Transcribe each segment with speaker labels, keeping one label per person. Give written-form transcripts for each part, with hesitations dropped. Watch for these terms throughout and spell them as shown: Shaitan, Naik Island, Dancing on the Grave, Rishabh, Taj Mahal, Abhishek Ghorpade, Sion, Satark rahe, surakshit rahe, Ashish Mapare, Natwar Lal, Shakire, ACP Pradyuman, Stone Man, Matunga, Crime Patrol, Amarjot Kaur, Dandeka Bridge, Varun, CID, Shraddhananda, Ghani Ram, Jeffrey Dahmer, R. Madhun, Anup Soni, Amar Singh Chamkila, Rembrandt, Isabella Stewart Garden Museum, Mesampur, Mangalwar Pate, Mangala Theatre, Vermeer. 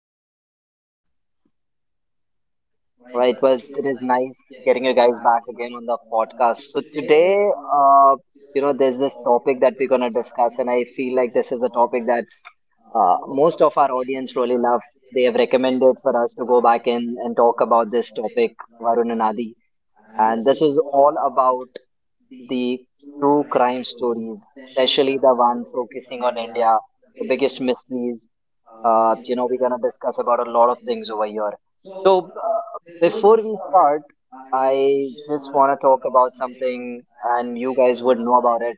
Speaker 1: Hey, hello.
Speaker 2: Right, it is nice getting you guys back again on the podcast. So today, uh, there's this topic that we're gonna discuss, and I feel like this is a topic that most of our audience really love. They have recommended for us to go back in and talk about this topic, Varun and Adi. And this is all about the true crime stories, especially the one focusing on India, the biggest mysteries. We're gonna discuss about a lot of things over here. So, before we start, I just wanna talk about something, and you guys would know about it.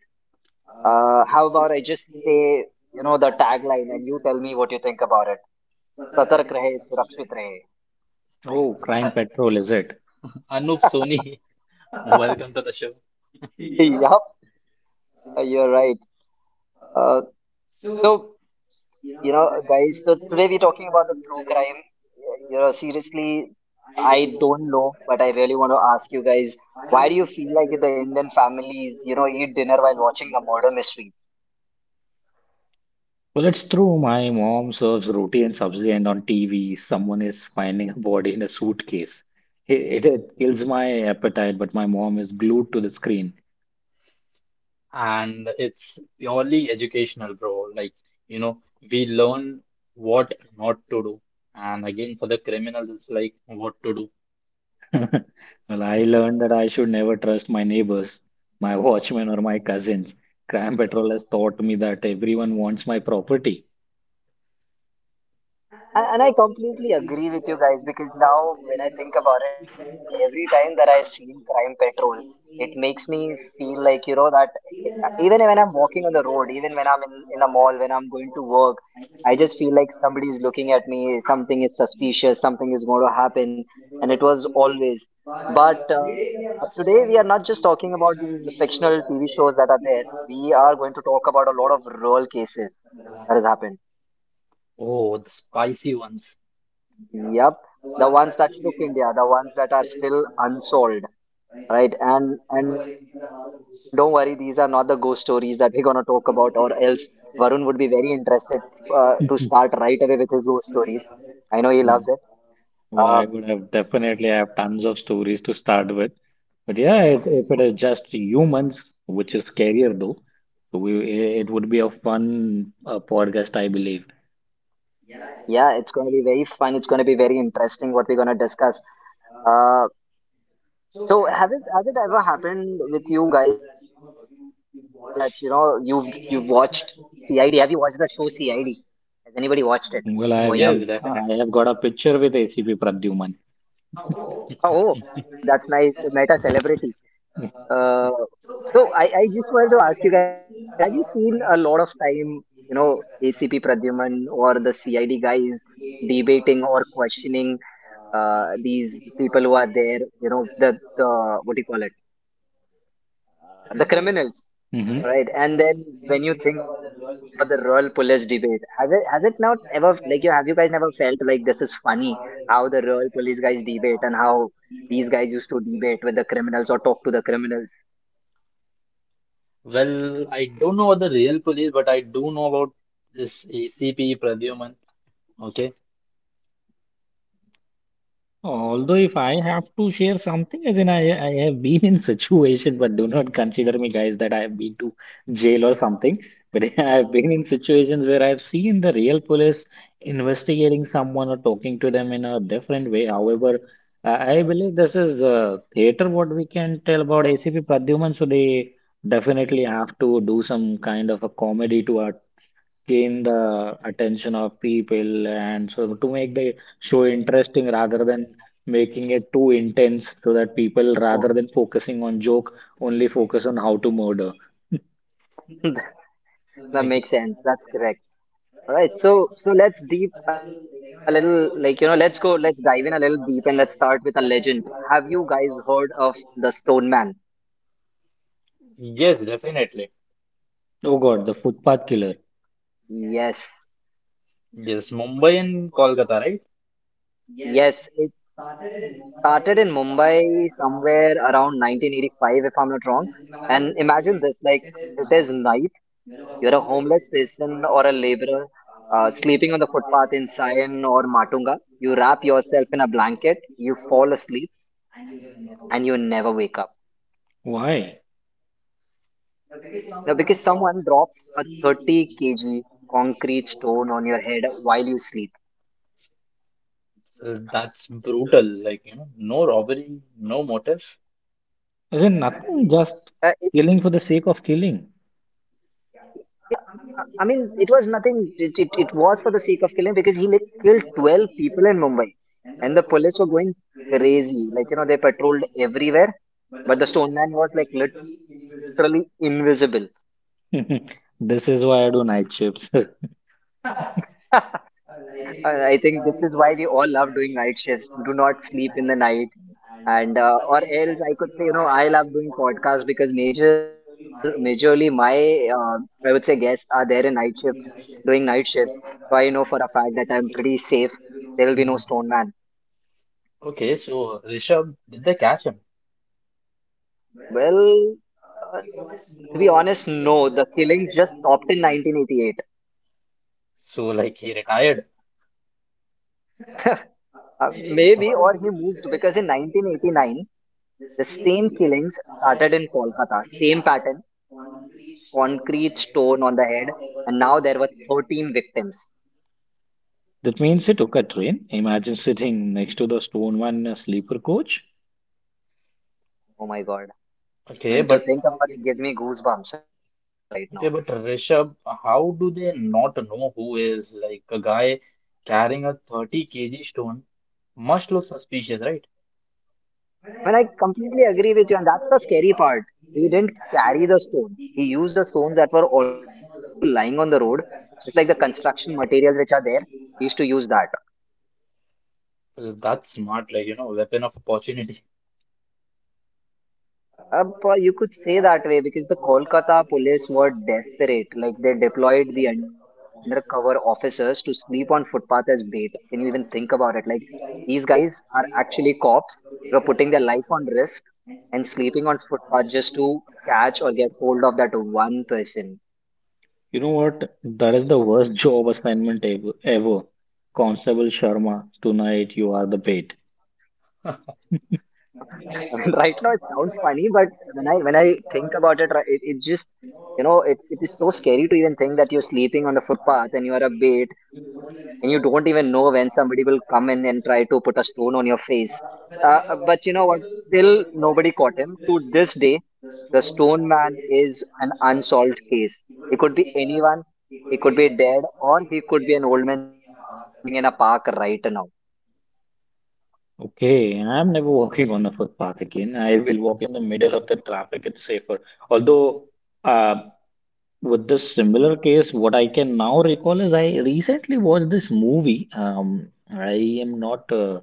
Speaker 2: How about I just say, the tagline, and you tell me what you think about it. Satark rahe, surakshit rahe.
Speaker 3: oh, Crime
Speaker 1: An-
Speaker 3: Patrol, is it?
Speaker 1: Anup Soni. Welcome to the show.
Speaker 2: Yup, you're right. Uh, so. You know, guys, so today we're talking about the true crime. Seriously, I don't know, but I really want to ask you guys, why do you feel like the Indian families, eat dinner while watching the murder mystery?
Speaker 3: Well, it's true. My mom serves roti and sabzi, and on TV, someone is finding a body in a suitcase. It kills my appetite, but my mom is glued to the screen.
Speaker 1: And it's purely educational, bro. Like, you know, we learn what not to do. And again, for the criminals, it's like what to do.
Speaker 3: Well, I learned that I should never trust my neighbors, my watchmen, or my cousins. Crime Patrol has taught me that everyone wants my property.
Speaker 2: And I completely agree with you guys because now when I think about it, every time that I've seen Crime Patrol, it makes me feel like, that even when I'm walking on the road, even when I'm in the mall, when I'm going to work, I just feel like somebody is looking at me, something is suspicious, something is going to happen. And it was always. But today we are not just talking about these fictional TV shows that are there. We are going to talk about a lot of real cases that has happened.
Speaker 1: Oh, the spicy ones.
Speaker 2: Yep, the ones that shook India, the ones that are still unsolved, right? And don't worry, these are not the ghost stories that we're gonna talk about, or else Varun would be very interested to start right away with his ghost stories. I know he loves it. Uh,
Speaker 3: Well, I would have definitely have tons of stories to start with. But yeah, it, if it is just humans, which is scarier though, so we it would be a fun podcast, I believe.
Speaker 2: yeah, it's gonna be very fun. It's gonna be very interesting what we're gonna discuss. Uh, so have it has it ever happened with you guys that you've watched CID? Have you watched the show CID? Has anybody watched it over here?
Speaker 3: Well, I've,
Speaker 1: Yes,
Speaker 3: I've
Speaker 1: definitely.
Speaker 3: I have got a picture with ACP Pradyuman.
Speaker 2: Oh, that's nice. Meta celebrity. Uh, so I just wanted to ask you guys, have you seen a lot of time, ACP Pradyuman or the CID guys debating or questioning these people who are there, the what do you call it, the criminals.
Speaker 3: hmm
Speaker 2: Right, and then when you think about the royal police debate, has it not ever like you guys never felt like this is funny how the royal police guys debate and how these guys used to debate with the criminals or talk to the criminals?
Speaker 1: Well, I don't know what the real police, but I do know about this ACP Pradyuman. Okay.
Speaker 3: Although if I have to share something, as in I have been in situation, but do not consider me, guys, that I have been to jail or something. But I have been in situations where I've seen the real police investigating someone or talking to them in a different way. However, I believe this is theater. What we can tell about ACP Pradyuman, so they definitely have to do some kind of a comedy to gain the attention of people and so to make the show interesting rather than making it too intense so that people
Speaker 2: Oh,
Speaker 3: rather than focusing on joke only focus on how to murder.
Speaker 2: that
Speaker 1: I-
Speaker 2: makes sense. That's correct. All right, so let's deep a little like let's dive in a little deep and let's start with a legend. Have you guys heard of the Stone Man?
Speaker 1: Yes, definitely.
Speaker 3: Oh God, the footpath killer.
Speaker 2: Yes,
Speaker 1: Yes, Mumbai and Kolkata, right?
Speaker 2: yes, it started in Mumbai somewhere around 1985, if I'm not wrong. And imagine this, like it is night, you're a homeless person or a laborer sleeping on the footpath in Sion or Matunga. You wrap yourself in a blanket, you fall asleep, and you never wake up.
Speaker 3: Why?
Speaker 2: Now, because someone drops a 30 kg concrete stone on your head while you sleep.
Speaker 1: That's brutal. Like, no robbery, no motive.
Speaker 3: Is it
Speaker 2: uh,
Speaker 3: nothing just killing for the sake of killing?
Speaker 2: Yeah, I mean, it was nothing. It was for the sake of killing because he like killed 12 people in Mumbai and the police were going crazy. Like, they patrolled everywhere, but the stone man was like literally invisible.
Speaker 3: This is why I do night shifts.
Speaker 2: I I think this is why we all love doing night shifts. Do not sleep in the night. And or else I could say, I love doing podcasts because majorly my uh, I would say guests are there in night shifts doing night shifts. So I know for a fact that I'm pretty safe. There will be no
Speaker 3: Mm.
Speaker 2: stone man.
Speaker 1: Okay, so Rishabh, did they catch him?
Speaker 2: Well, to be honest, no, the killings just stopped in 1988.
Speaker 1: So, like, he retired.
Speaker 2: uh, maybe, or he moved because in 1989 the same killings started in Kolkata. Same pattern: concrete stone on the head. And now there were 13 victims.
Speaker 3: That means I took a train. Imagine sitting next to the stone one sleeper coach.
Speaker 2: Oh my God. I
Speaker 1: Okay,
Speaker 2: mean, to
Speaker 1: but
Speaker 2: think about it gives me goosebumps right now.
Speaker 1: okay, but Rishabh, how do they not know who is like a guy carrying a 30 kg stone? Must look suspicious, right?
Speaker 2: I mean, I completely agree with you, and that's the scary part. He didn't carry the stone. He used the stones that were already lying on the road, just like the construction materials which are there. He used to use that.
Speaker 1: That's smart, like, weapon of opportunity.
Speaker 2: You could say that way because the Kolkata police were desperate. Like they deployed the undercover officers to sleep on footpath as bait. Can you even think about it? Like these guys are actually cops. They were putting their life on risk and sleeping on footpath just to catch or get hold of that one person.
Speaker 3: You know what? That is the worst job assignment ever. Constable Sharma, tonight you are the bait.
Speaker 2: I mean, right now it sounds funny, but when I think about it, right, it just it is so scary to even think that you're sleeping on the footpath and you are a bait and you don't even know when somebody will come in and try to put a stone on your face. But you know what? Still, nobody caught him. To this day, the stone man is an unsolved case. He could be anyone. He could be dead, or he could be an old man sitting in a park right now.
Speaker 3: Okay, I'm never walking on a footpath again. I will walk in the middle of the traffic. It's safer. Although, uh, with this similar case, what I can now recall is I recently watched this movie. I am not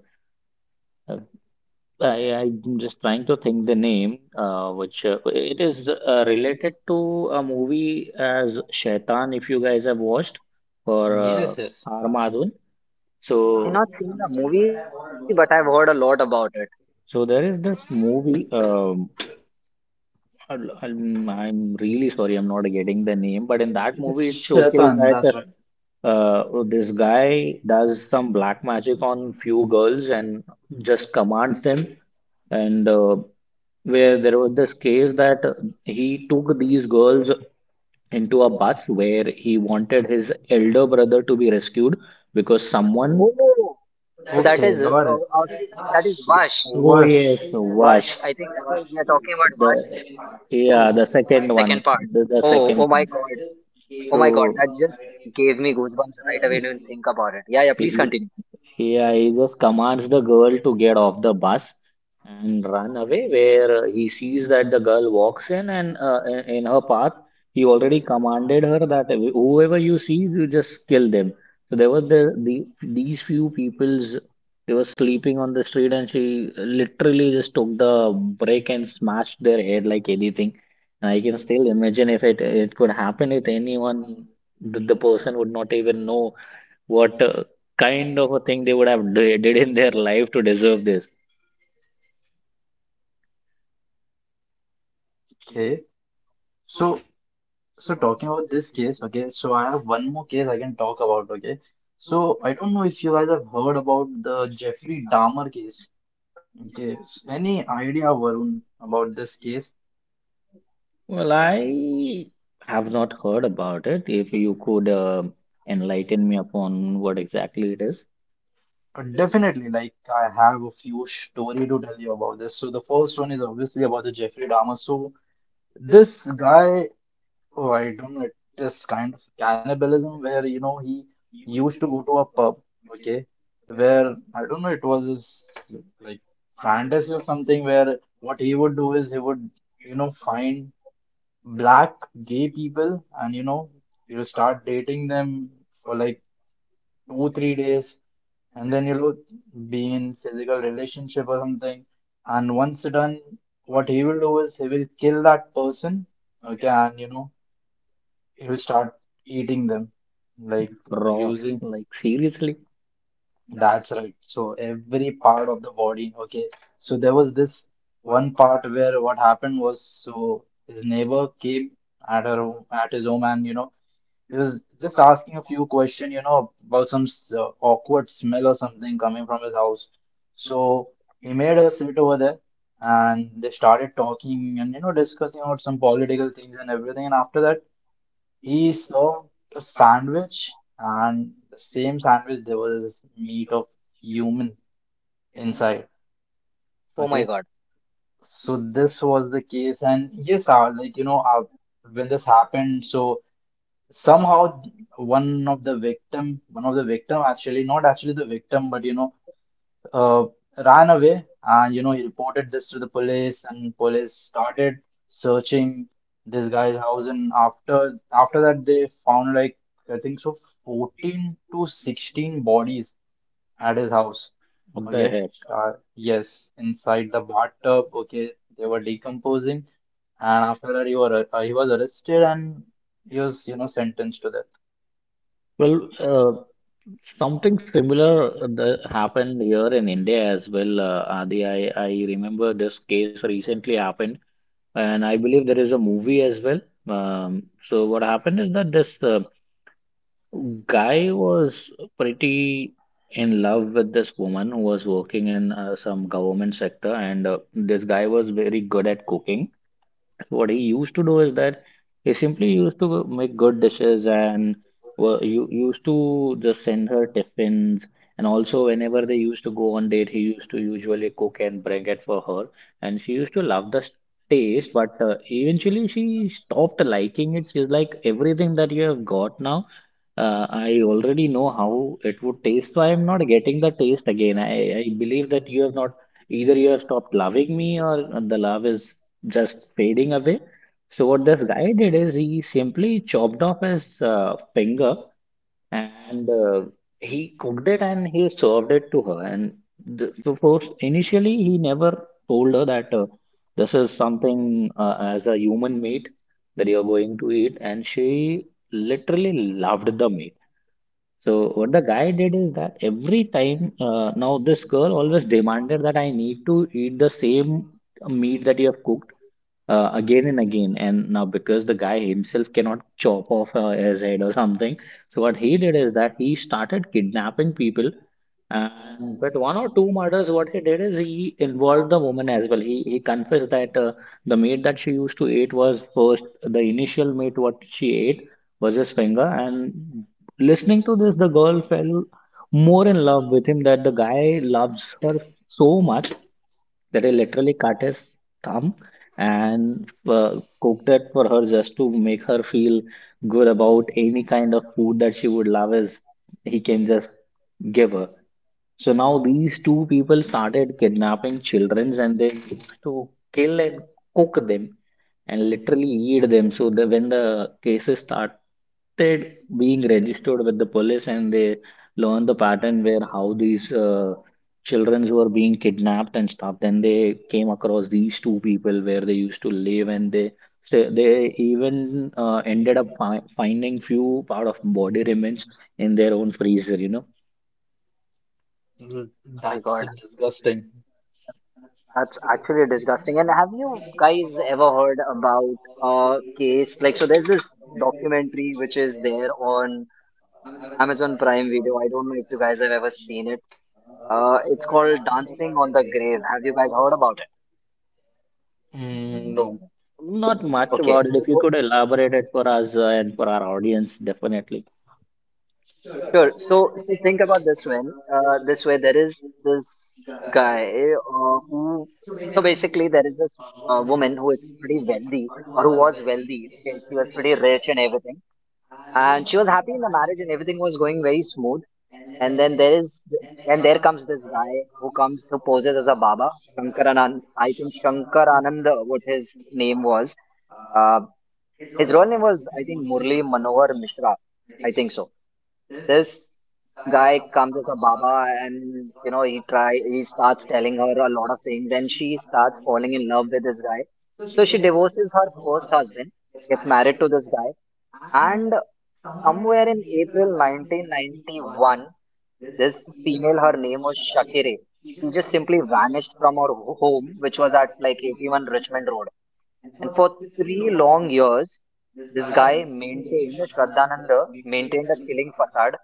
Speaker 3: I'm just trying to think the name, which it is related to a movie as Shaitan, if you guys have watched, for
Speaker 1: Yes, yes.
Speaker 3: R. Madhun. So,
Speaker 2: I've not seen the movie, but I've heard a lot about it.
Speaker 3: so, there is this movie. I'm really sorry, I'm not getting the name, but in that
Speaker 1: It's
Speaker 3: movie, it showcases
Speaker 1: Shaitan, that's
Speaker 3: that
Speaker 1: right.
Speaker 3: this guy does some black magic on few girls and just commands them. And where there was this case that he took these girls into a bus where he wanted his elder brother to be rescued because someone
Speaker 2: Oh. So that
Speaker 1: Okay,
Speaker 2: is uh,
Speaker 1: got it.
Speaker 3: oh
Speaker 2: uh, that is Vash.
Speaker 1: Wash.
Speaker 2: Vash.
Speaker 3: yes
Speaker 2: I
Speaker 3: the
Speaker 2: think that is we
Speaker 3: wash
Speaker 2: are talking about Vash 2,
Speaker 3: the
Speaker 2: the second part.
Speaker 3: yeah the
Speaker 2: Oh, oh
Speaker 3: second
Speaker 2: my
Speaker 3: one
Speaker 2: God.
Speaker 3: the
Speaker 2: Oh
Speaker 3: second
Speaker 2: my
Speaker 3: part
Speaker 2: God. That just gave me
Speaker 3: so
Speaker 2: goosebumps right away. Don't think about it. Yeah, yeah. Please continue.
Speaker 3: he, yeah, he just commands the girl to get off the bus and run away. Where he sees that the girl walks in and in in her path, he already commanded her that whoever you see, you just kill them. So there were the these few peoples they were sleeping on the street, and she literally just took the brake and smashed their head like anything. And I can still imagine if it it could happen with anyone, the
Speaker 2: Oh my
Speaker 3: person would
Speaker 2: God.
Speaker 3: not even know what kind of a thing they would have did in their life to deserve this?
Speaker 1: Okay. So so talking about this case, okay, so I have one more case I can talk about, okay. So I don't know if you guys have heard about the Jeffrey Dahmer case. Okay. So any idea, Varun, about this case?
Speaker 3: Well, I have not heard about it. If you could enlighten me upon what exactly it is.
Speaker 1: Definitely, like I have a few story to tell you about this. So the first one is obviously about the Jeffrey Dahmer. So this guy. Oh, I don't know. It's kind of cannibalism where, he used to go to a pub, okay, where I don't know, it was his like fantasy or something where what he would do is he would, find black gay people and, he'll start dating them for like two, 3 days and then, be in physical relationship or something. And once done, what he will do is he will kill that person, okay, and, it will start eating them, like
Speaker 3: Cross.
Speaker 1: using.
Speaker 3: Like seriously?
Speaker 1: That's right. So every part of the body. Okay. So there was this one part where what happened was so his neighbor came at her home, at his home, and he was just asking a few questions, about some awkward smell or something coming from his house. So he made her sit over there, and they started talking and discussing about some political things and everything. And after that, he served a sandwich, and the same sandwich there was meat of human
Speaker 4: Oh
Speaker 1: inside.
Speaker 4: my god,
Speaker 1: Okay, so this was the case, and yes, when this happened, so somehow one of the victim actually, not actually the victim, but uh, ran away and he reported this to the police and police started searching this guy's house and after that they found like I think so 14 to 16 bodies at his house.
Speaker 3: What the
Speaker 1: Okay,
Speaker 3: heck?
Speaker 1: yes, inside the bathtub. Okay, they were decomposing, and after that, he was arrested and he was, sentenced to death.
Speaker 3: Well, something similar that happened here in India as well, Adi. I remember this case recently happened, and I believe there is a movie as well. So what happened is that this guy was pretty in love with this woman who was working in some government sector, and this guy was very good at cooking what he used to do is that he simply used to make good dishes and used to just send her tiffins. And also, whenever they used to go on date, he used to usually cook and bring it for her. And she used to love the taste, but eventually she stopped liking it. She's like, everything that you have got now, I already know how it would taste, so I am not getting the taste again. I believe that you have not either you have stopped loving me or the love is just fading away. So what this guy did is he simply chopped off his finger and he cooked it and he served it to her. And the, so first, initially he never told her that this is something as a human meat that you're going to eat, and she literally loved the meat. So what the guy did is that every time now this girl always demanded that I need to eat the same meat that you have cooked again and again. And now, because the guy himself cannot chop off his head or something, so what he did is that he started kidnapping people. And with one or two murders, what he did is he involved the woman as well. He confessed that the meat that she used to eat was first the initial meat what she ate was his finger. And listening to this, the girl fell more in love with him that the guy loves her so much that he literally cut his thumb and cooked it for her just to make her feel good about any kind of food that she would love is he can just give her. So now these two people started kidnapping children and they used to kill and cook them and literally eat them. So the, when the cases started being registered with the police and they learned the pattern where how these children were being kidnapped and stuff then they came across these two people where they used to live and they so they even ended up fi finding few part of body remains in their own freezer you know
Speaker 1: Mm,
Speaker 4: my
Speaker 1: that's
Speaker 4: god,
Speaker 1: disgusting.
Speaker 4: that's actually disgusting. And have you guys ever heard about a case like so? There's this documentary which is there on Amazon Prime Video. I don't know if you guys have ever seen it. It's called Dancing on the Grave. Have you guys heard about it?
Speaker 1: Mm, no.
Speaker 3: not much
Speaker 4: Okay,
Speaker 3: about it if you
Speaker 4: so
Speaker 3: could elaborate it for us and for our audience definitely.
Speaker 4: sure. So so think about this one. This way there is this guy who. So basically, there is this woman who is pretty wealthy, or who was wealthy. Okay, she was pretty rich and everything, and she was happy in the marriage and everything was going very smooth. And then there is and there comes this guy who comes, who poses as a baba, Shankaranand. I think Shankaranand, what his name was. Uh, his role name was, I think, Murli Manohar Mishra, I think so. This guy comes as a baba, and you know, he starts telling her a lot of things and she starts falling in love with this guy. So she divorces her first husband, gets married to this guy, and somewhere in April 1991, this female, her name was Shakire. She just simply vanished from her home, which was at like 81 Richmond Road. And for three long years, this guy maintained, Shraddhananda maintained a chilling facade.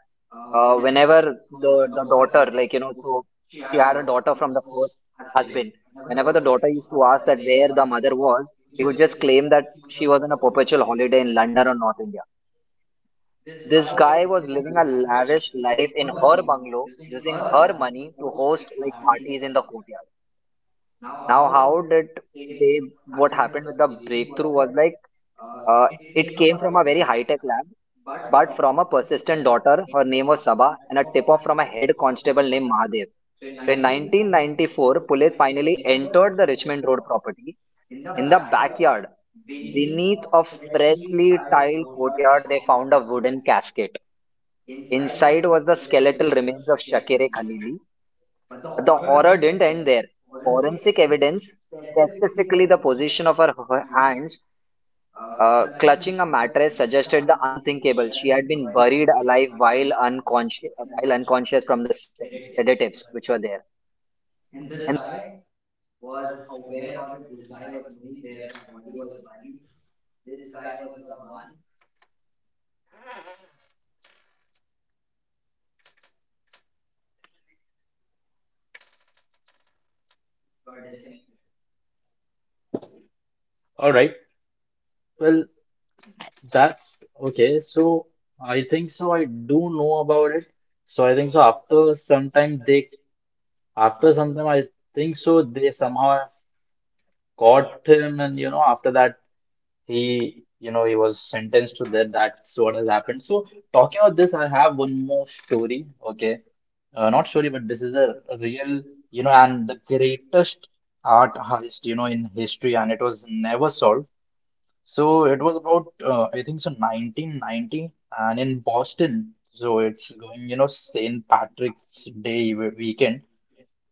Speaker 4: Whenever the daughter, like, you know, so she had a daughter from the first husband. Whenever the daughter used to ask that where the mother was, he would just claim that she was on a perpetual holiday in London or North India. This guy was living a lavish life in her bungalow, using her money to host like parties in the courtyard. Now, how did they? What happened with the breakthrough was like uh, it came from a very high tech lab. Specifically, the position of her hands clutching a mattress suggested the unthinkable. She had been buried alive while unconscious from the sedatives which were there. And this guy was aware about it. This guy was knowing where the body was buried. This.
Speaker 1: All right. Well, that's okay. So I think so. I do know about it. So I think so. After some time, they after some time, I think so. They somehow have caught him, and after that, he you know he was sentenced to death. That's what has happened. So talking about this, I have one more story. Okay, not story, but this is a real, and the greatest art heist, in history, and it was never solved. So it was about I think so 1990 and in Boston. So it's going, St. Patrick's Day weekend,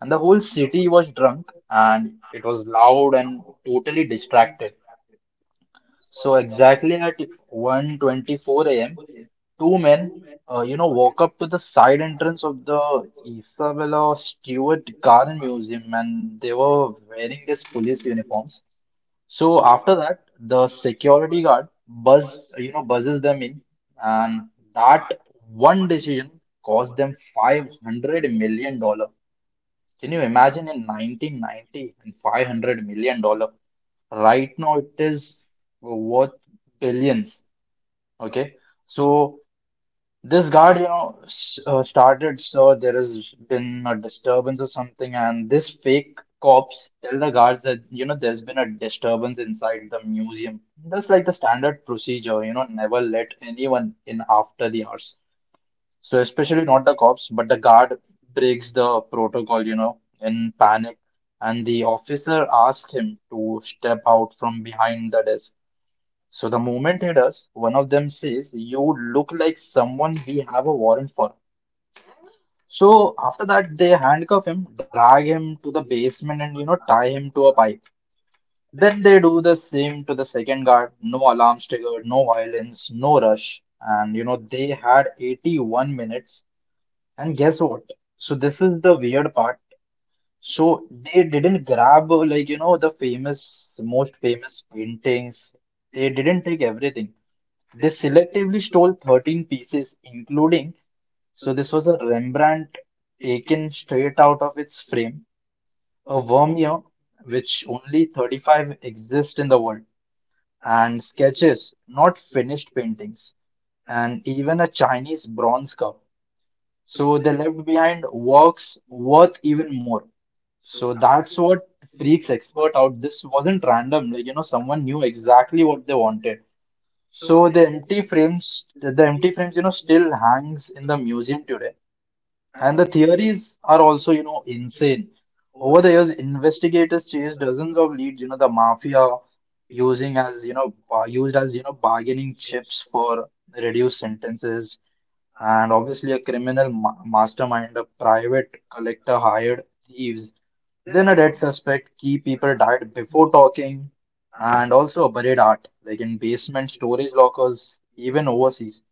Speaker 1: and the whole city was drunk and it was loud and totally distracted. So exactly at 1:24 a.m., two men, walk up to the side entrance of the Isabella Stewart Garden Museum, and they were wearing these police uniforms. So after that, the security guard buzzes them in, and that one decision cost them $500 million dollar. Can you imagine, in 1990 and $500 million dollar? Right now, it is worth billions. Okay, so this guard, started, so there has been a disturbance or something, and this fake cops tell the guards that, there's been a disturbance inside the museum. That's like the standard procedure, never let anyone in after the hours. So especially not the cops, but the guard breaks the protocol, in panic, and the officer asks him to step out from behind the desk. So the moment he does, one of them says, "You look like someone we have a warrant for." So after that, they handcuff him, drag him to the basement, and tie him to a pipe. Then they do the same to the second guard. No alarms triggered, no violence, no rush. And they had 81 minutes. And guess what? So this is the weird part. So they didn't grab like the most famous paintings. They didn't take everything. They selectively stole 13 pieces, including, so this was a Rembrandt taken straight out of its frame, a Vermeer, which only 35 exist in the world, and sketches, not finished paintings, and even a Chinese bronze cup. So they left behind works worth even more. So that's what freaks expert out. This wasn't random, like someone knew exactly what they wanted. So the empty frames, still hangs in the museum today. And the theories are also, insane. Over the years, investigators chased dozens of leads, the mafia using as, you know, ba- used as, bargaining chips for reduced sentences. And obviously, a criminal ma mastermind, a private collector hired thieves, then a dead suspect, key people died before talking, and also buried art, like in basement storage lockers, even overseas.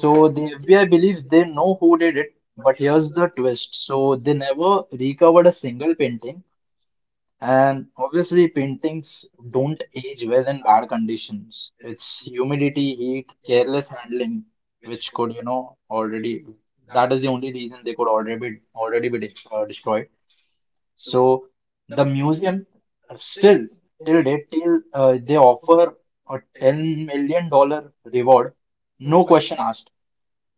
Speaker 1: So the FBI believes they know who did it, but here's the twist. So they never recovered a single painting, and obviously paintings don't age well in bad conditions. It's humidity, heat, careless handling, which could, already, that is the only reason they could already be destroyed. So the museum still till date till they offer a $10 million reward, no question asked.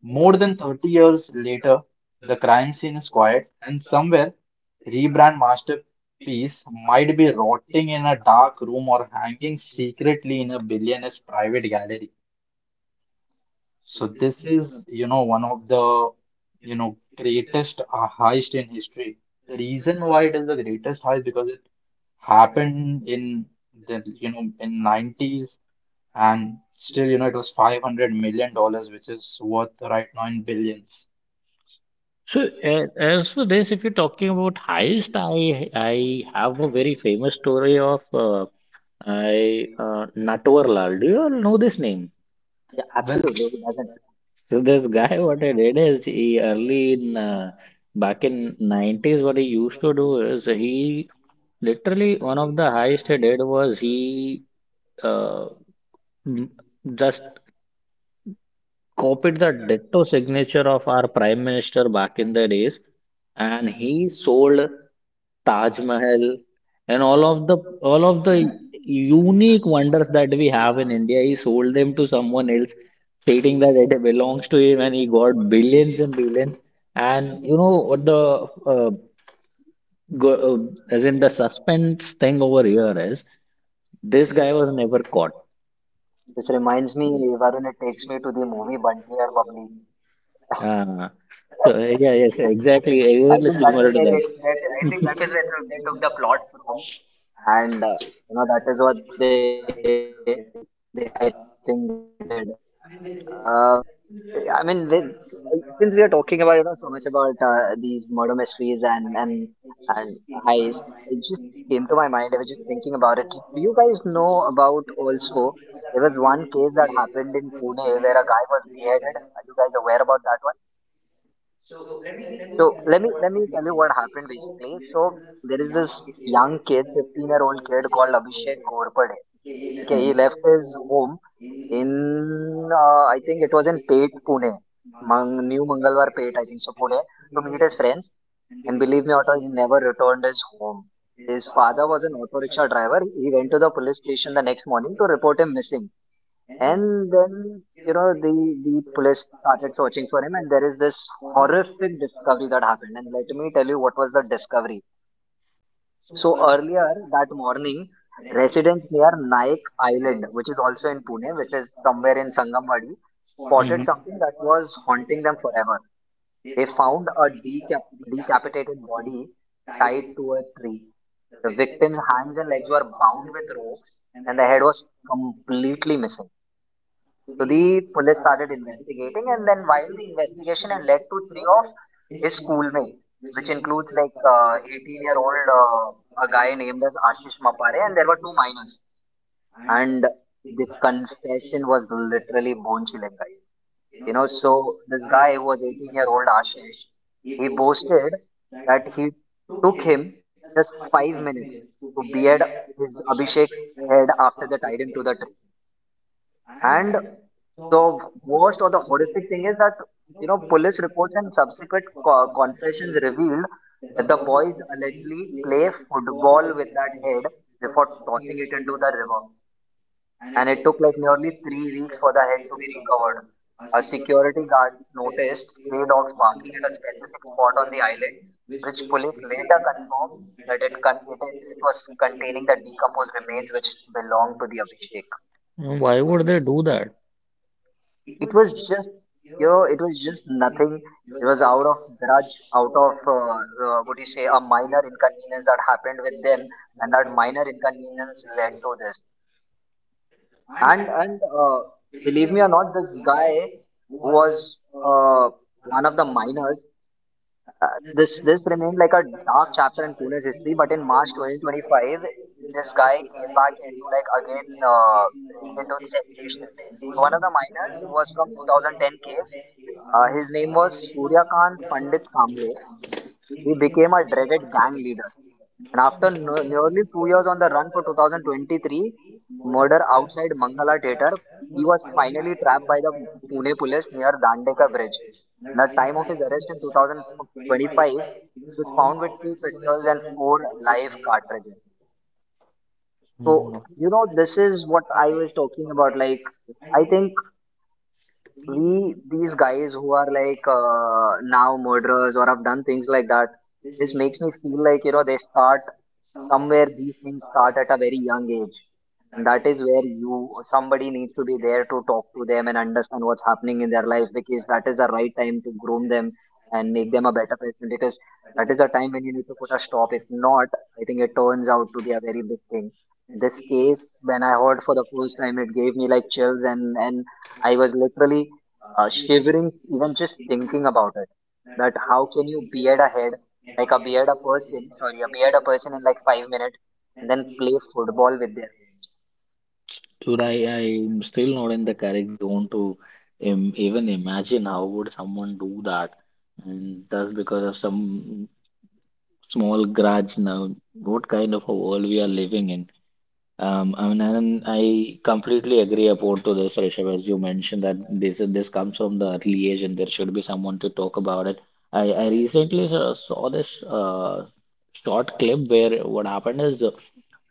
Speaker 1: More than 30 years later, the crime scene is quiet, and somewhere rebrand masterpiece might be rotting in a dark room or hanging secretly in a billionaire's private gallery. So this is, one of the, greatest heist in history. The reason why it is the greatest heist because it happened in the, in 90s and still, it was $500 million, which is worth right now in billions.
Speaker 3: So, as for this, if you're talking about heist, I have a very famous story of I Natwar Lal. Do you all know this name?
Speaker 4: Yeah,
Speaker 1: Well,
Speaker 4: absolutely. Who doesn't?
Speaker 3: So this guy, what he did is he early in back in 90s, what he used to do is he literally one of the highest he did was he uh, m- just copied the ditto signature of our prime minister back in the days, and he sold. Taj Mahal, and all of the unique wonders that we have in India, he sold them to someone else, stating that it belongs to him, and he got billions and billions. And you know what the go, uh, as in the suspense thing over here is, this guy was never caught.
Speaker 4: This reminds me, Varun, it takes me to the movie Bunty or Bubbly.
Speaker 3: Uh, yeah, yes, exactly,
Speaker 4: I
Speaker 3: exactly
Speaker 4: think that is
Speaker 3: similar to
Speaker 4: where
Speaker 3: that.
Speaker 4: they that I think that is where they took the plot from, and you know, that is what they I think they did. Uh, I mean, with, since we are talking about you know so much about these murder mysteries and and heist, it just came to my mind. I was just thinking about it. Do you guys know about also? There was one case that happened in Pune where a guy was beheaded. Are you guys aware about that one? So let me tell you what happened basically. So there is this young kid, 15-year-old kid called Abhishek Ghorpade. Okay, he left his home in, I think it was in Pate, Pune, New Mangalwar Pate, I think so, Pune, to meet his friends. And believe me, Otto, he never returned his home. His father was an auto rickshaw driver. He went to the police station the next morning to report him missing. And then, you know, the police started searching for him, and there is this horrific discovery that happened. And let me tell you what was the discovery. So earlier that morning, residents near Naik Island, which is also in Pune, which is somewhere in Sangamwadi, spotted
Speaker 3: Mhm. Mhm.
Speaker 4: something that was haunting them forever. They found a decapitated body tied to a tree. The victim's hands and legs were bound with ropes, and the head was completely missing. So the police started investigating, and then while the investigation had led to three of his schoolmates, which includes like 18-year-old a guy named as Ashish Mapare, and there were two minors. And the confession was literally bone chilling, guys. You know, so this guy was 18-year-old Ashish. He boasted that he took him just 5 minutes to beard his Abhishek's head after they tied him to the tree. And the worst or the horrific thing is that, you know, police reports and subsequent confessions revealed that the boys allegedly play football with that head before tossing it into the river. And it took like nearly 3 weeks for the head to be recovered. A security guard noticed stray dogs barking at a specific spot on the island, which police later confirmed that it was containing the decomposed remains which belonged to the Abhishek.
Speaker 3: Mm, why would they do that?
Speaker 4: It was just, you know, it was just nothing. It was out of grudge, out of what do you say, a minor inconvenience that happened with them, and that minor inconvenience led to this. And believe me or not, this guy who was uh, one of the minors, this remained like a dark chapter in Pune's history, but in March 2025 this guy came back into like again into sensation. So, one of the miners was from 2010 case. His name was Suryakant Pandit Kamble. He became a dreaded gang leader. And after nearly 2 years on the run for 2023 murder outside Mangala Theatre, he was finally trapped by the Pune police near Dandeka Bridge. And at the time of his arrest in 2025, he was found with two pistols and four live cartridges.
Speaker 3: Mm,
Speaker 4: So,
Speaker 3: no.
Speaker 4: you know, this is what I was talking about. Like, I think we, these guys who are like now murderers or have done things like that, this makes me feel like, you know, they start somewhere. These things start at a very young age, and that is where you, somebody needs to be there to talk to them and understand what's happening in their life, because that is the right time to groom them and make them a better person. Because that is a time when you need to put a stop. If not, I think it turns out to be a very big thing. This case, when I heard for the first time, it gave me like chills, and I was literally shivering even just thinking about it. That how can you beard a head, like a beard a person, sorry, a beard a person in like 5 minutes and then play football with their hands.
Speaker 3: Dude, I'm still not in the correct zone to im even imagine how would someone do that. And that's because of some small grudge now. What kind of a world we are living in? I mean, and I completely agree about to this, Rishabh, as you mentioned that this comes from the early age and there should be someone to talk about it. I recently saw this short clip where what happened is uh,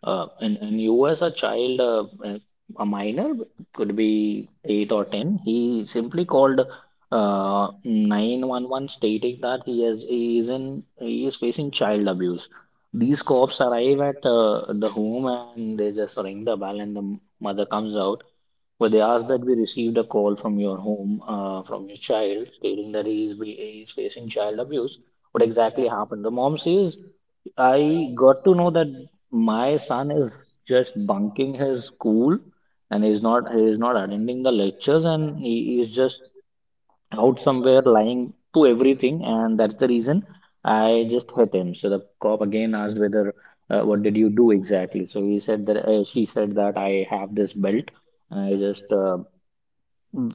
Speaker 3: uh, and, and you as a child, a minor could be eight or ten. He simply called 911 stating that he is in he is facing child abuse. These cops arrive at the home and they just ring the bell and the mother comes out. But they ask that we received a call from your home from your child stating that he is facing child abuse. What exactly happened? The mom says I got to know that my son is just bunking his school and he is not attending the lectures and he is just out somewhere lying to everything and that's the reason I just hit him. So the cop again asked whether what did you do exactly? So he said that she said that I have this belt and I just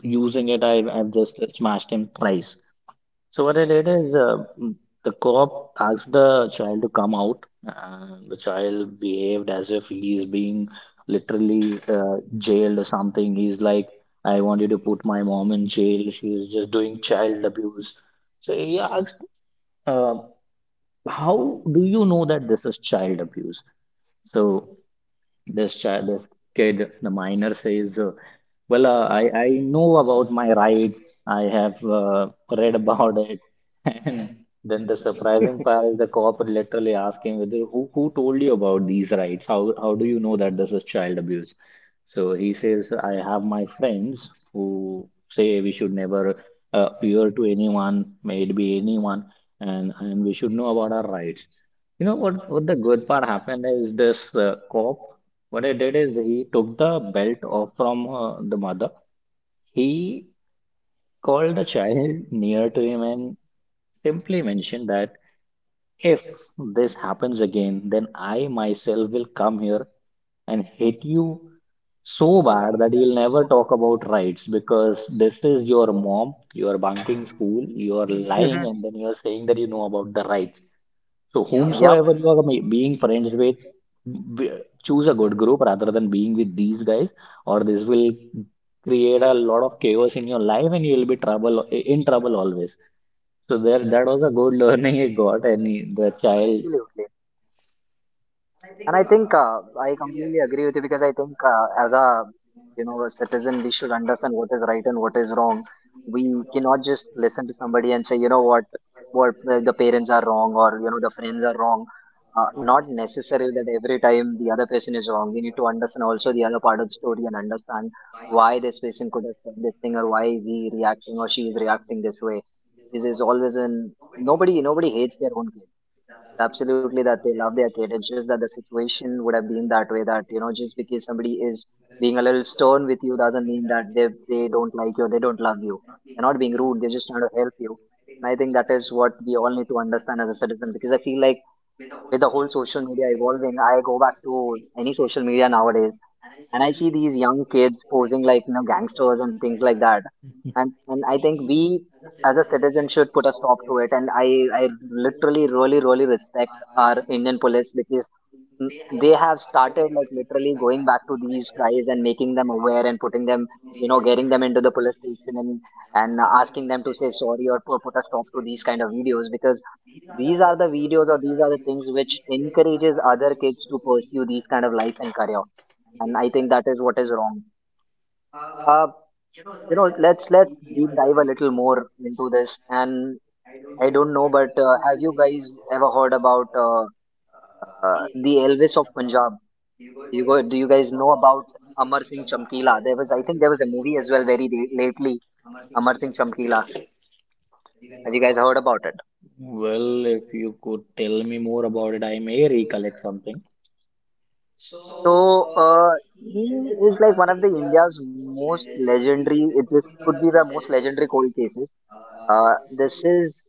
Speaker 3: using it I've just smashed him twice. So what I did is the cop asked the child to come out, and the child behaved as if he's being literally jailed or something. He's like, "I want you to put my mom in jail. She's just doing child abuse." So he asked, uh, "How do you know that this is child abuse?" So this child, this kid, the minor says, "Well, I know about my rights. I have read about it." And then the surprising part is the cop literally asking whether who told you about these rights? How do you know that this is child abuse? So he says, "I have my friends who say we should never fear to anyone, may it be anyone, and we should know about our rights." You know what, the good part happened is this cop, what he did is he took the belt off from the mother. He called the child near to him and simply mentioned that if this happens again, then I myself will come here and hit you so bad that you'll never talk about rights because this is your mom, you're bunking school, you're lying,
Speaker 4: Hmm.
Speaker 3: and then you're saying that you know about the rights. So, yeah,
Speaker 4: Yep,
Speaker 3: whomsoever you are being friends with, b- choose a good group rather than being with these guys, or this will create a lot of chaos in your life and you'll be trouble in trouble always. So there, that was a good learning I got. And the child,
Speaker 4: absolutely. And I think I completely agree with you, because I think as a, you know, a citizen, we should understand what is right and what is wrong. We cannot just listen to somebody and say, you know what the parents are wrong, or you know, the friends are wrong. Not necessary that every time the other person is wrong. We need to understand also the other part of the story and understand why this person could have said this thing, or why is he reacting or she is reacting this way. Because there's always an nobody hates their own. Absolutely, that they love their kid. It's just that the situation would have been that way. That you know, just because somebody is being a little stern with you doesn't mean that they don't like you, or they don't love you. They're not being rude. They're just trying to help you. And I think that is what we all need to understand as a citizen. Because I feel like with the whole social media evolving, I go back to any social media nowadays, and I see these young kids posing like you know gangsters and things like that, and I think we as a citizen should put a stop to it. And I literally really respect our Indian police, because mm, they have started like literally going back to these guys and making them aware and putting them, you know, getting them into the police station and asking them to say sorry or put a stop to these kind of videos, because these are the videos or these are the things which encourages other kids to pursue these kind of life and career, and I think that is what is wrong. uh you know, let's deep dive a little more into this. And I don't know, but have you guys ever heard about the Elvis of Punjab? Do you guys know about Amar Singh Chamkila? There was, I think there was a movie as well very lately. Amar Singh Chamkila, have you guys heard about it?
Speaker 3: well, if you could tell me more about it, I may recollect something.
Speaker 4: So he is like one of the India's most legendary. It, this could be the most legendary cold cases. Uh, this is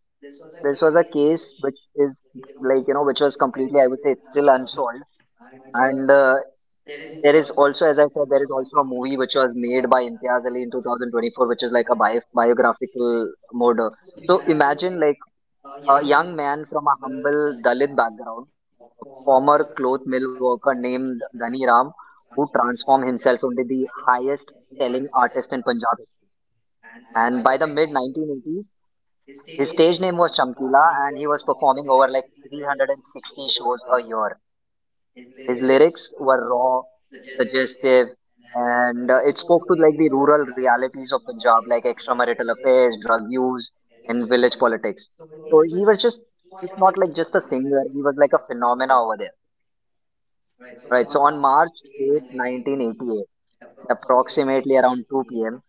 Speaker 4: this was a case which is like you know which was completely I would say it's still unsolved. And There is also, as I said, there is also a movie which was made by Imtiaz Ali in 2024, which is like a biographical murder. So imagine like a young man from a humble Dalit background, former cloth mill worker named Ghani Ram, who transformed himself into the highest selling artist in Punjab history. And by the mid 1980s, his stage name was Chamkila and he was performing over like 360 shows a year. His lyrics were raw, suggestive, and it spoke to like the rural realities of Punjab, like extramarital affairs, drug use, and village politics. So he was just not like just a singer; he was like a phenomena over there. Right. So on March 8, 1988, at approximately around 2 p.m.,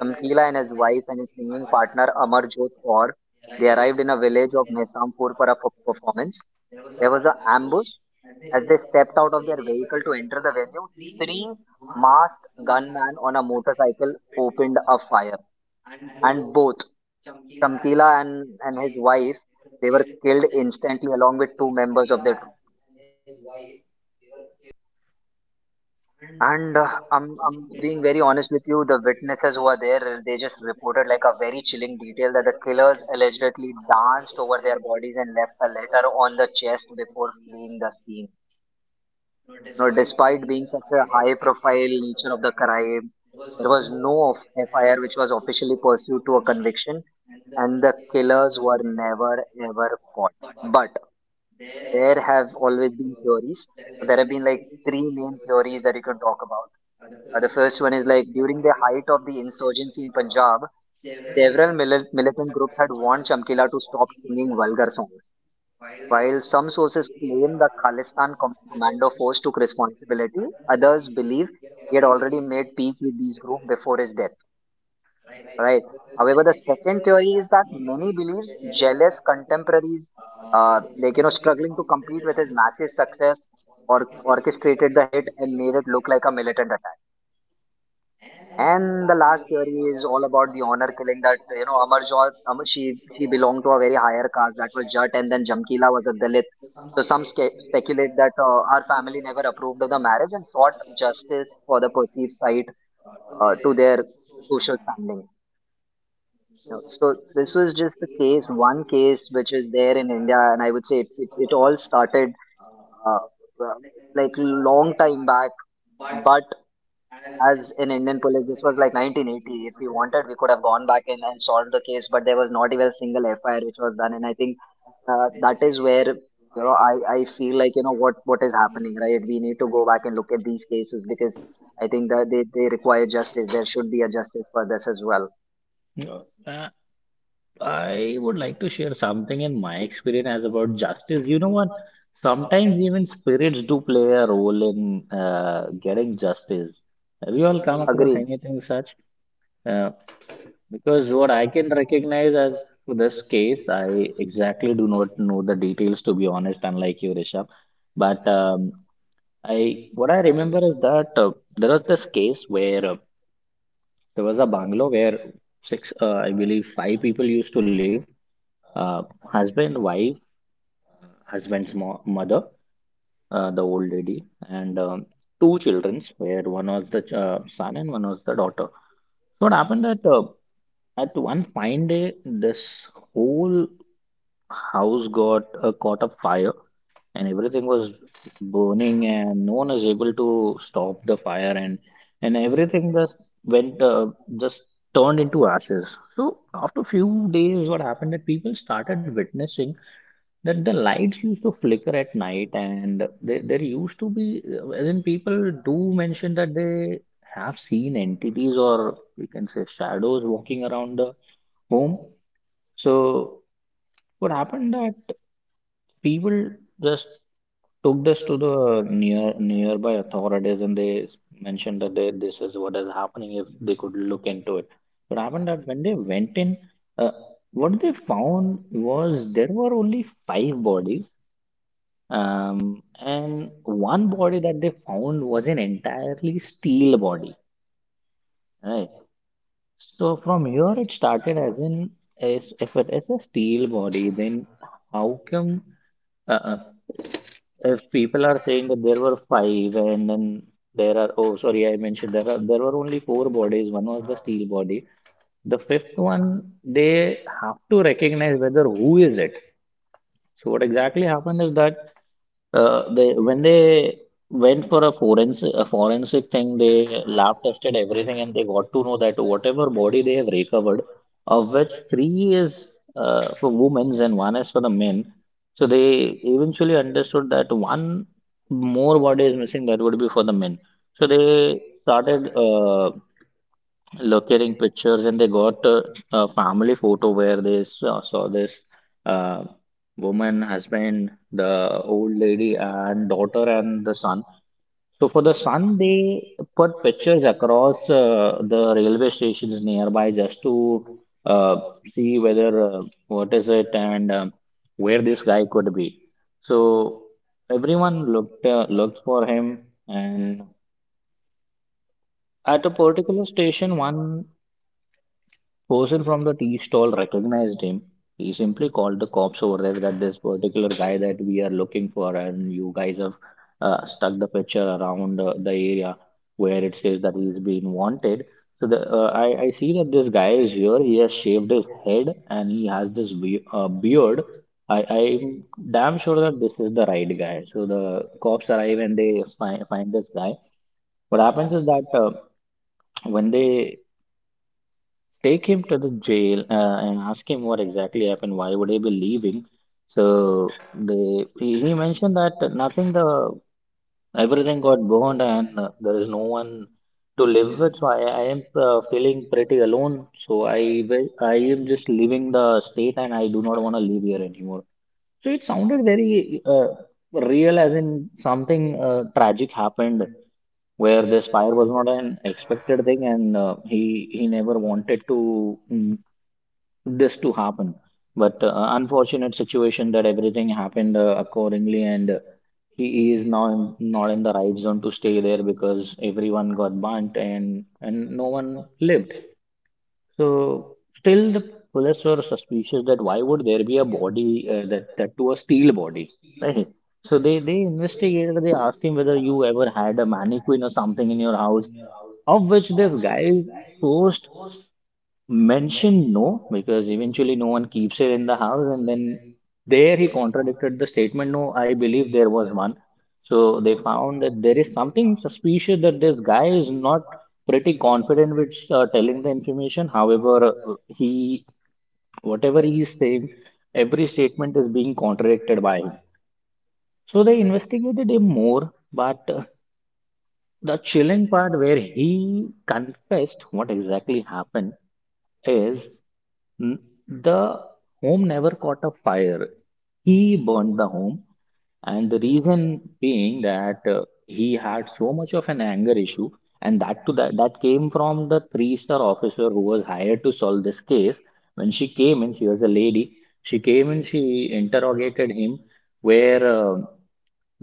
Speaker 4: Shamkila and his wife and his singing partner Amarjot Kaur, they arrived in a village of Mesampur for a performance. There was an ambush. As they stepped out of their vehicle to enter the venue, three masked gunmen on a motorcycle opened a fire. And both Shamkila and his wife, they were killed instantly along with two members of their troop. And I'm being very honest with you. The witnesses who were there, they just reported like a very chilling detail that the killers allegedly danced over their bodies and left a letter on the chest before fleeing the scene. You know, despite being such a high-profile nature of the crime, there was no FIR which was officially pursued to a conviction, and the killers were never ever caught. But there have always been theories. So there have been like three main theories that you can talk about. The first one is like during the height of the insurgency in Punjab, several militant groups had warned Chamkila to stop singing vulgar songs. While some sources claim the Khalistan commando force took responsibility, others believe he had already made peace with these groups before his death. Right. However, the second theory is that many believes jealous contemporaries, like you know, struggling to compete with his massive success, or orchestrated the hit and made it look like a militant attack. And the last theory is all about the honor killing that you know Amarjot she belonged to a very higher caste that was Jat and then Jamkila was a Dalit. So some speculate that her family never approved of the marriage and sought justice for the perceived slight to their social standing. You know, so this was just the case, one case which is there in India, and I would say it all started uh, uh, like long time back, but as in Indian police, this was like 1980. If we wanted, we could have gone back in and solved the case, but there was not even a single FIR which was done. And I think that is where you know I feel like you know what is happening, right? We need to go back and look at these cases because I think that they require justice. There should be a justice for this as well.
Speaker 3: Yeah. I would like to share something in my experience as about justice. You know what? Sometimes even spirits do play a role in getting justice. Have you all come across
Speaker 4: Agreed.
Speaker 3: anything such? Uh, because what I can recognize as this case, I exactly do not know the details to be honest, unlike you, Rishabh. But I what I remember is that there was this case where there was a bungalow where six, I believe, five people used to live, husband, wife, husband's mother, the old lady, and two children, where one was the son and one was the daughter. So what happened that at one fine day, this whole house got caught up fire, and everything was burning, and no one was able to stop the fire, and everything just went just turned into ashes. So after few days, what happened that people started witnessing that the lights used to flicker at night and there used to be, as in people do mention that they have seen entities, or we can say shadows walking around the home. So what happened that people just took this to the nearby authorities and they mentioned that they, this is what is happening, if they could look into it. What happened that when they went in, uh, what they found was there were only five bodies. And one body that they found was an entirely steel body, right? So from here it started as an as if it is a steel body, then how come uh, uh, if people are saying that there were five and then there are, oh sorry, I mentioned there are there were only four bodies, one was the steel body. The fifth one they have to recognize whether who is it. So what exactly happened is that they when they went for a forensic thing, they lab tested everything and they got to know that whatever body they have recovered, of which three is for women's and one is for the men. So they eventually understood that one more body is missing that would be for the men. So they started. Looking pictures and they got a family photo where they saw this uh, woman, husband, the old lady, and daughter, and the son. So for the son, they put pictures across the railway stations nearby just to uh, see whether what is it and where this guy could be. So everyone looked for him, and at a particular station, one person from the tea stall recognized him. He simply called the cops over there that this particular guy that we are looking for, and you guys have stuck the picture around the area where it says that he's being wanted. So the, I see that this guy is here. He has shaved his head and he has this be beard. I'm damn sure that this is the right guy. So the cops arrive and they fi find this guy. What happens is that when they take him to the jail and ask him what exactly happened. Why would he be leaving? So they he mentioned that nothing. The everything got burned and there is no one to live with. So I am feeling pretty alone. So I am just leaving the state and I do not want to live here anymore. So it sounded very real, as in something tragic happened where this fire was not an expected thing and he never wanted to mm, this to happen. But unfortunate situation that everything happened accordingly, and he is now in, not in the right zone to stay there because everyone got burnt and no one lived. So still the police were suspicious that why would there be a body that to a steel body, right? So they investigated. They asked him whether you ever had a mannequin or something in your house, of which this guy posed. Mention no, because eventually no one keeps it in the house, and then there he contradicted the statement. No, I believe there was one. So they found that there is something suspicious that this guy is not pretty confident with telling the information. However, he whatever he is saying, every statement is being contradicted by him. So they investigated him more, but the chilling part where he confessed what exactly happened is. N- The home never caught a fire. He burned the home, and the reason being that he had so much of an anger issue, and that to that came from the three-star officer who was hired to solve this case. When she came in, she was a lady. She came in, she interrogated him, where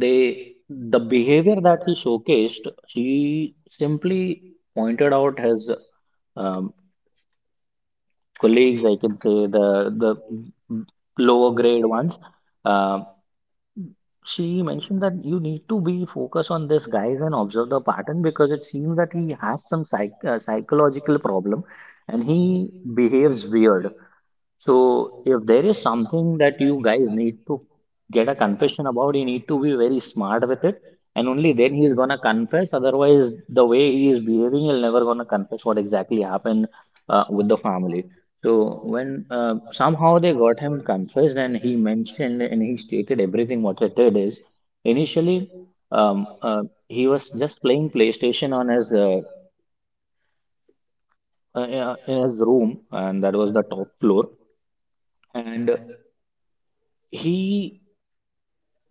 Speaker 3: they the behavior that he showcased, she simply pointed out his um, colleagues, I can say the the lower grade ones. Uh, she mentioned that you need to be focused on this guys and observe the pattern because it seems that he has some psychological problem and he behaves weird. So, if there is something that you guys need to get a confession about, you need to be very smart with it, and only then he's gonna confess. Otherwise, the way he is behaving, he'll never gonna confess what exactly happened with the family. So, when somehow they got him confessed, and he mentioned and he stated everything what he did is initially he was just playing PlayStation on his in his room, and that was the top floor, and he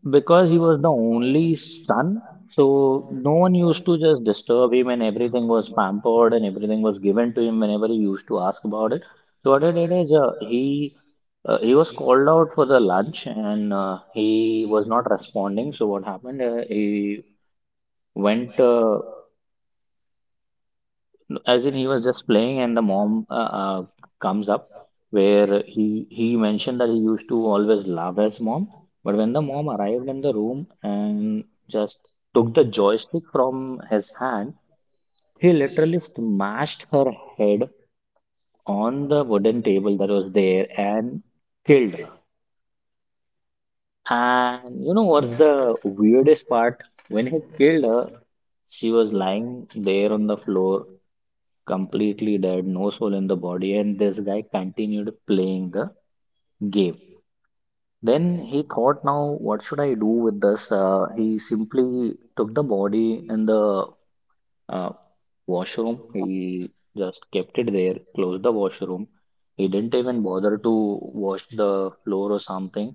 Speaker 3: because he was the only son, so no one used to just disturb him, and everything was pampered and everything was given to him whenever he used to ask about it. So what he did is he was called out for the lunch and he was not responding. So what happened? He went. As in he was just playing and the mom uh, comes up where he mentioned that he used to always love his mom, but when the mom arrived in the room and just took the joystick from his hand, he literally smashed her head on the wooden table that was there and killed her. And you know what's the weirdest part, when he killed her, she was lying there on the floor completely dead, no soul in the body, and this guy continued playing the game. Then he thought, now what should I do with this? He simply took the body in the uh, washroom. He just kept it there, closed the washroom. He didn't even bother to wash the floor or something.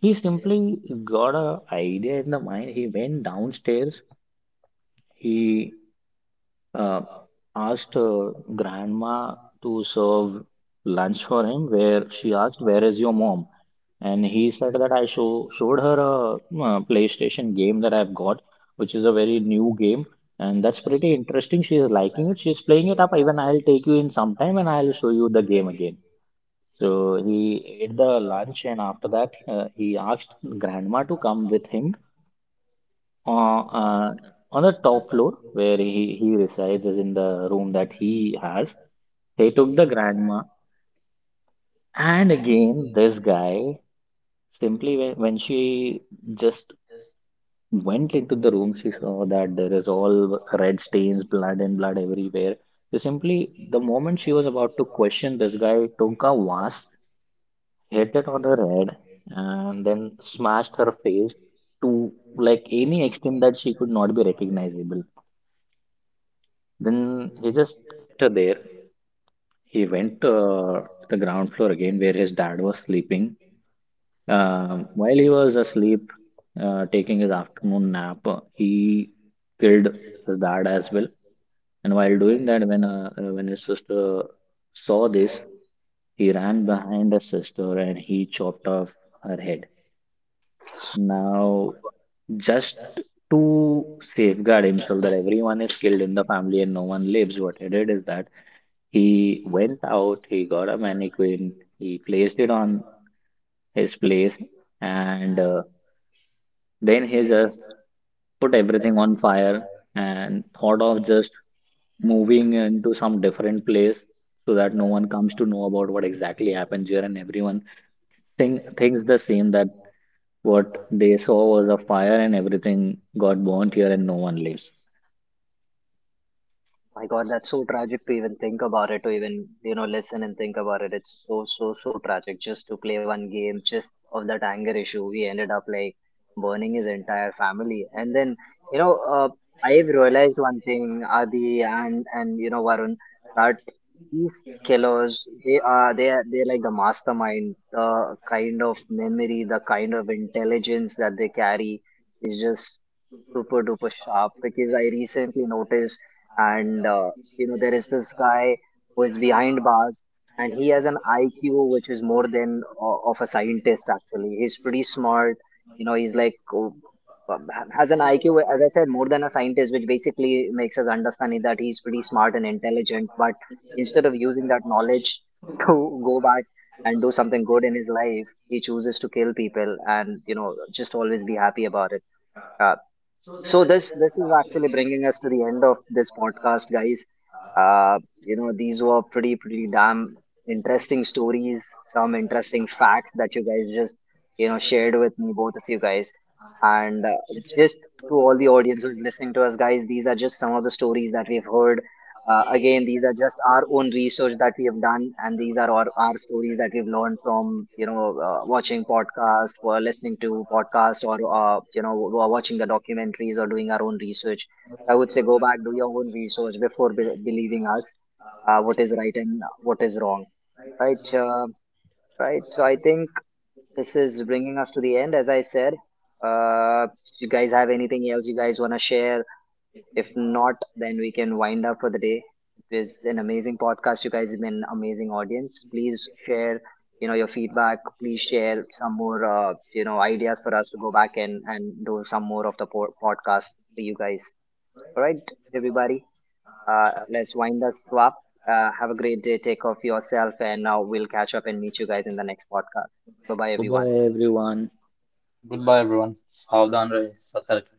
Speaker 3: He simply got a idea in the mind. He went downstairs. He uh, asked grandma to serve lunch for him, where she asked, where is your mom? And he said that I showed her a PlayStation game that I've got, which is a very new game. And that's pretty interesting. She is liking it. She's playing it up. Even I'll take you in sometime and I'll show you the game again. So he ate the lunch, and after that, he asked grandma to come with him uh, uh, on the top floor where he resides is in the room that he has. He took the grandma, and again this guy simply when she just went into the room, she saw that there is all red stains, blood and blood everywhere. So simply the moment she was about to question, this guy took a vase, hit it on her head, and then smashed her face to like any extent that she could not be recognizable. Then he just kept her there. He went to the ground floor again where his dad was sleeping. While he was asleep, taking his afternoon nap, he killed his dad as well. And while doing that, when his sister saw this, he ran behind his sister and he chopped off her head. Now, just to safeguard himself that everyone is killed in the family and no one lives, what he did is that he went out, he got a mannequin, he placed it on his place, and then he just put everything on fire and thought of just moving into some different place so that no one comes to know about what exactly happened here and everyone thinks the same that what they saw was a fire and everything got burnt here and no one lives.
Speaker 4: My God, that's so tragic to even think about it, to even, you know, listen and think about it. It's so, so, so tragic just to play one game, just of that anger issue. We ended up like burning his entire family. And then, you know, I've realized one thing, Adi you know, Varun, that these killers, they're like the mastermind. The kind of memory, the kind of intelligence that they carry is just super duper sharp, because I recently noticed and you know there is this guy who is behind bars and he has an IQ which is more than of a scientist. Actually, he's pretty smart, you know. He's like has an IQ, as I said, more than a scientist, which basically makes us understand that he's pretty smart and intelligent, but instead of using that knowledge to go back and do something good in his life, he chooses to kill people and, you know, just always be happy about it. Uh, so this is actually bringing us to the end of this podcast, guys. uh you know, these were pretty damn interesting stories, some interesting facts that you guys just, you know, shared with me, both of you guys. And Just to all the audience who's listening to us, guys, these are just some of the stories that we've heard. Again, these are just our own research that we have done, and these are our stories that we've learned from, you know, watching podcasts, or listening to podcasts, or you know, watching the documentaries, or doing our own research. I would say go back, do your own research before believing us. What is right and what is wrong, right? Right. So I think this is bringing us to the end. As I said, uh, you guys have anything else you guys want to share? If not, then we can wind up for the day. It was an amazing podcast. You guys have been an amazing audience. Please share, you know, your feedback. Please share some more, you know, ideas for us to go back and do some more of the podcast for you guys. All right, everybody. Let's wind us up. Have a great day. Take care of yourself, and now we'll catch up and meet you guys in the next podcast. Bye bye,
Speaker 3: Bye bye,
Speaker 4: everyone.
Speaker 3: everyone.
Speaker 1: goodbye everyone. Savdhan rahe, satark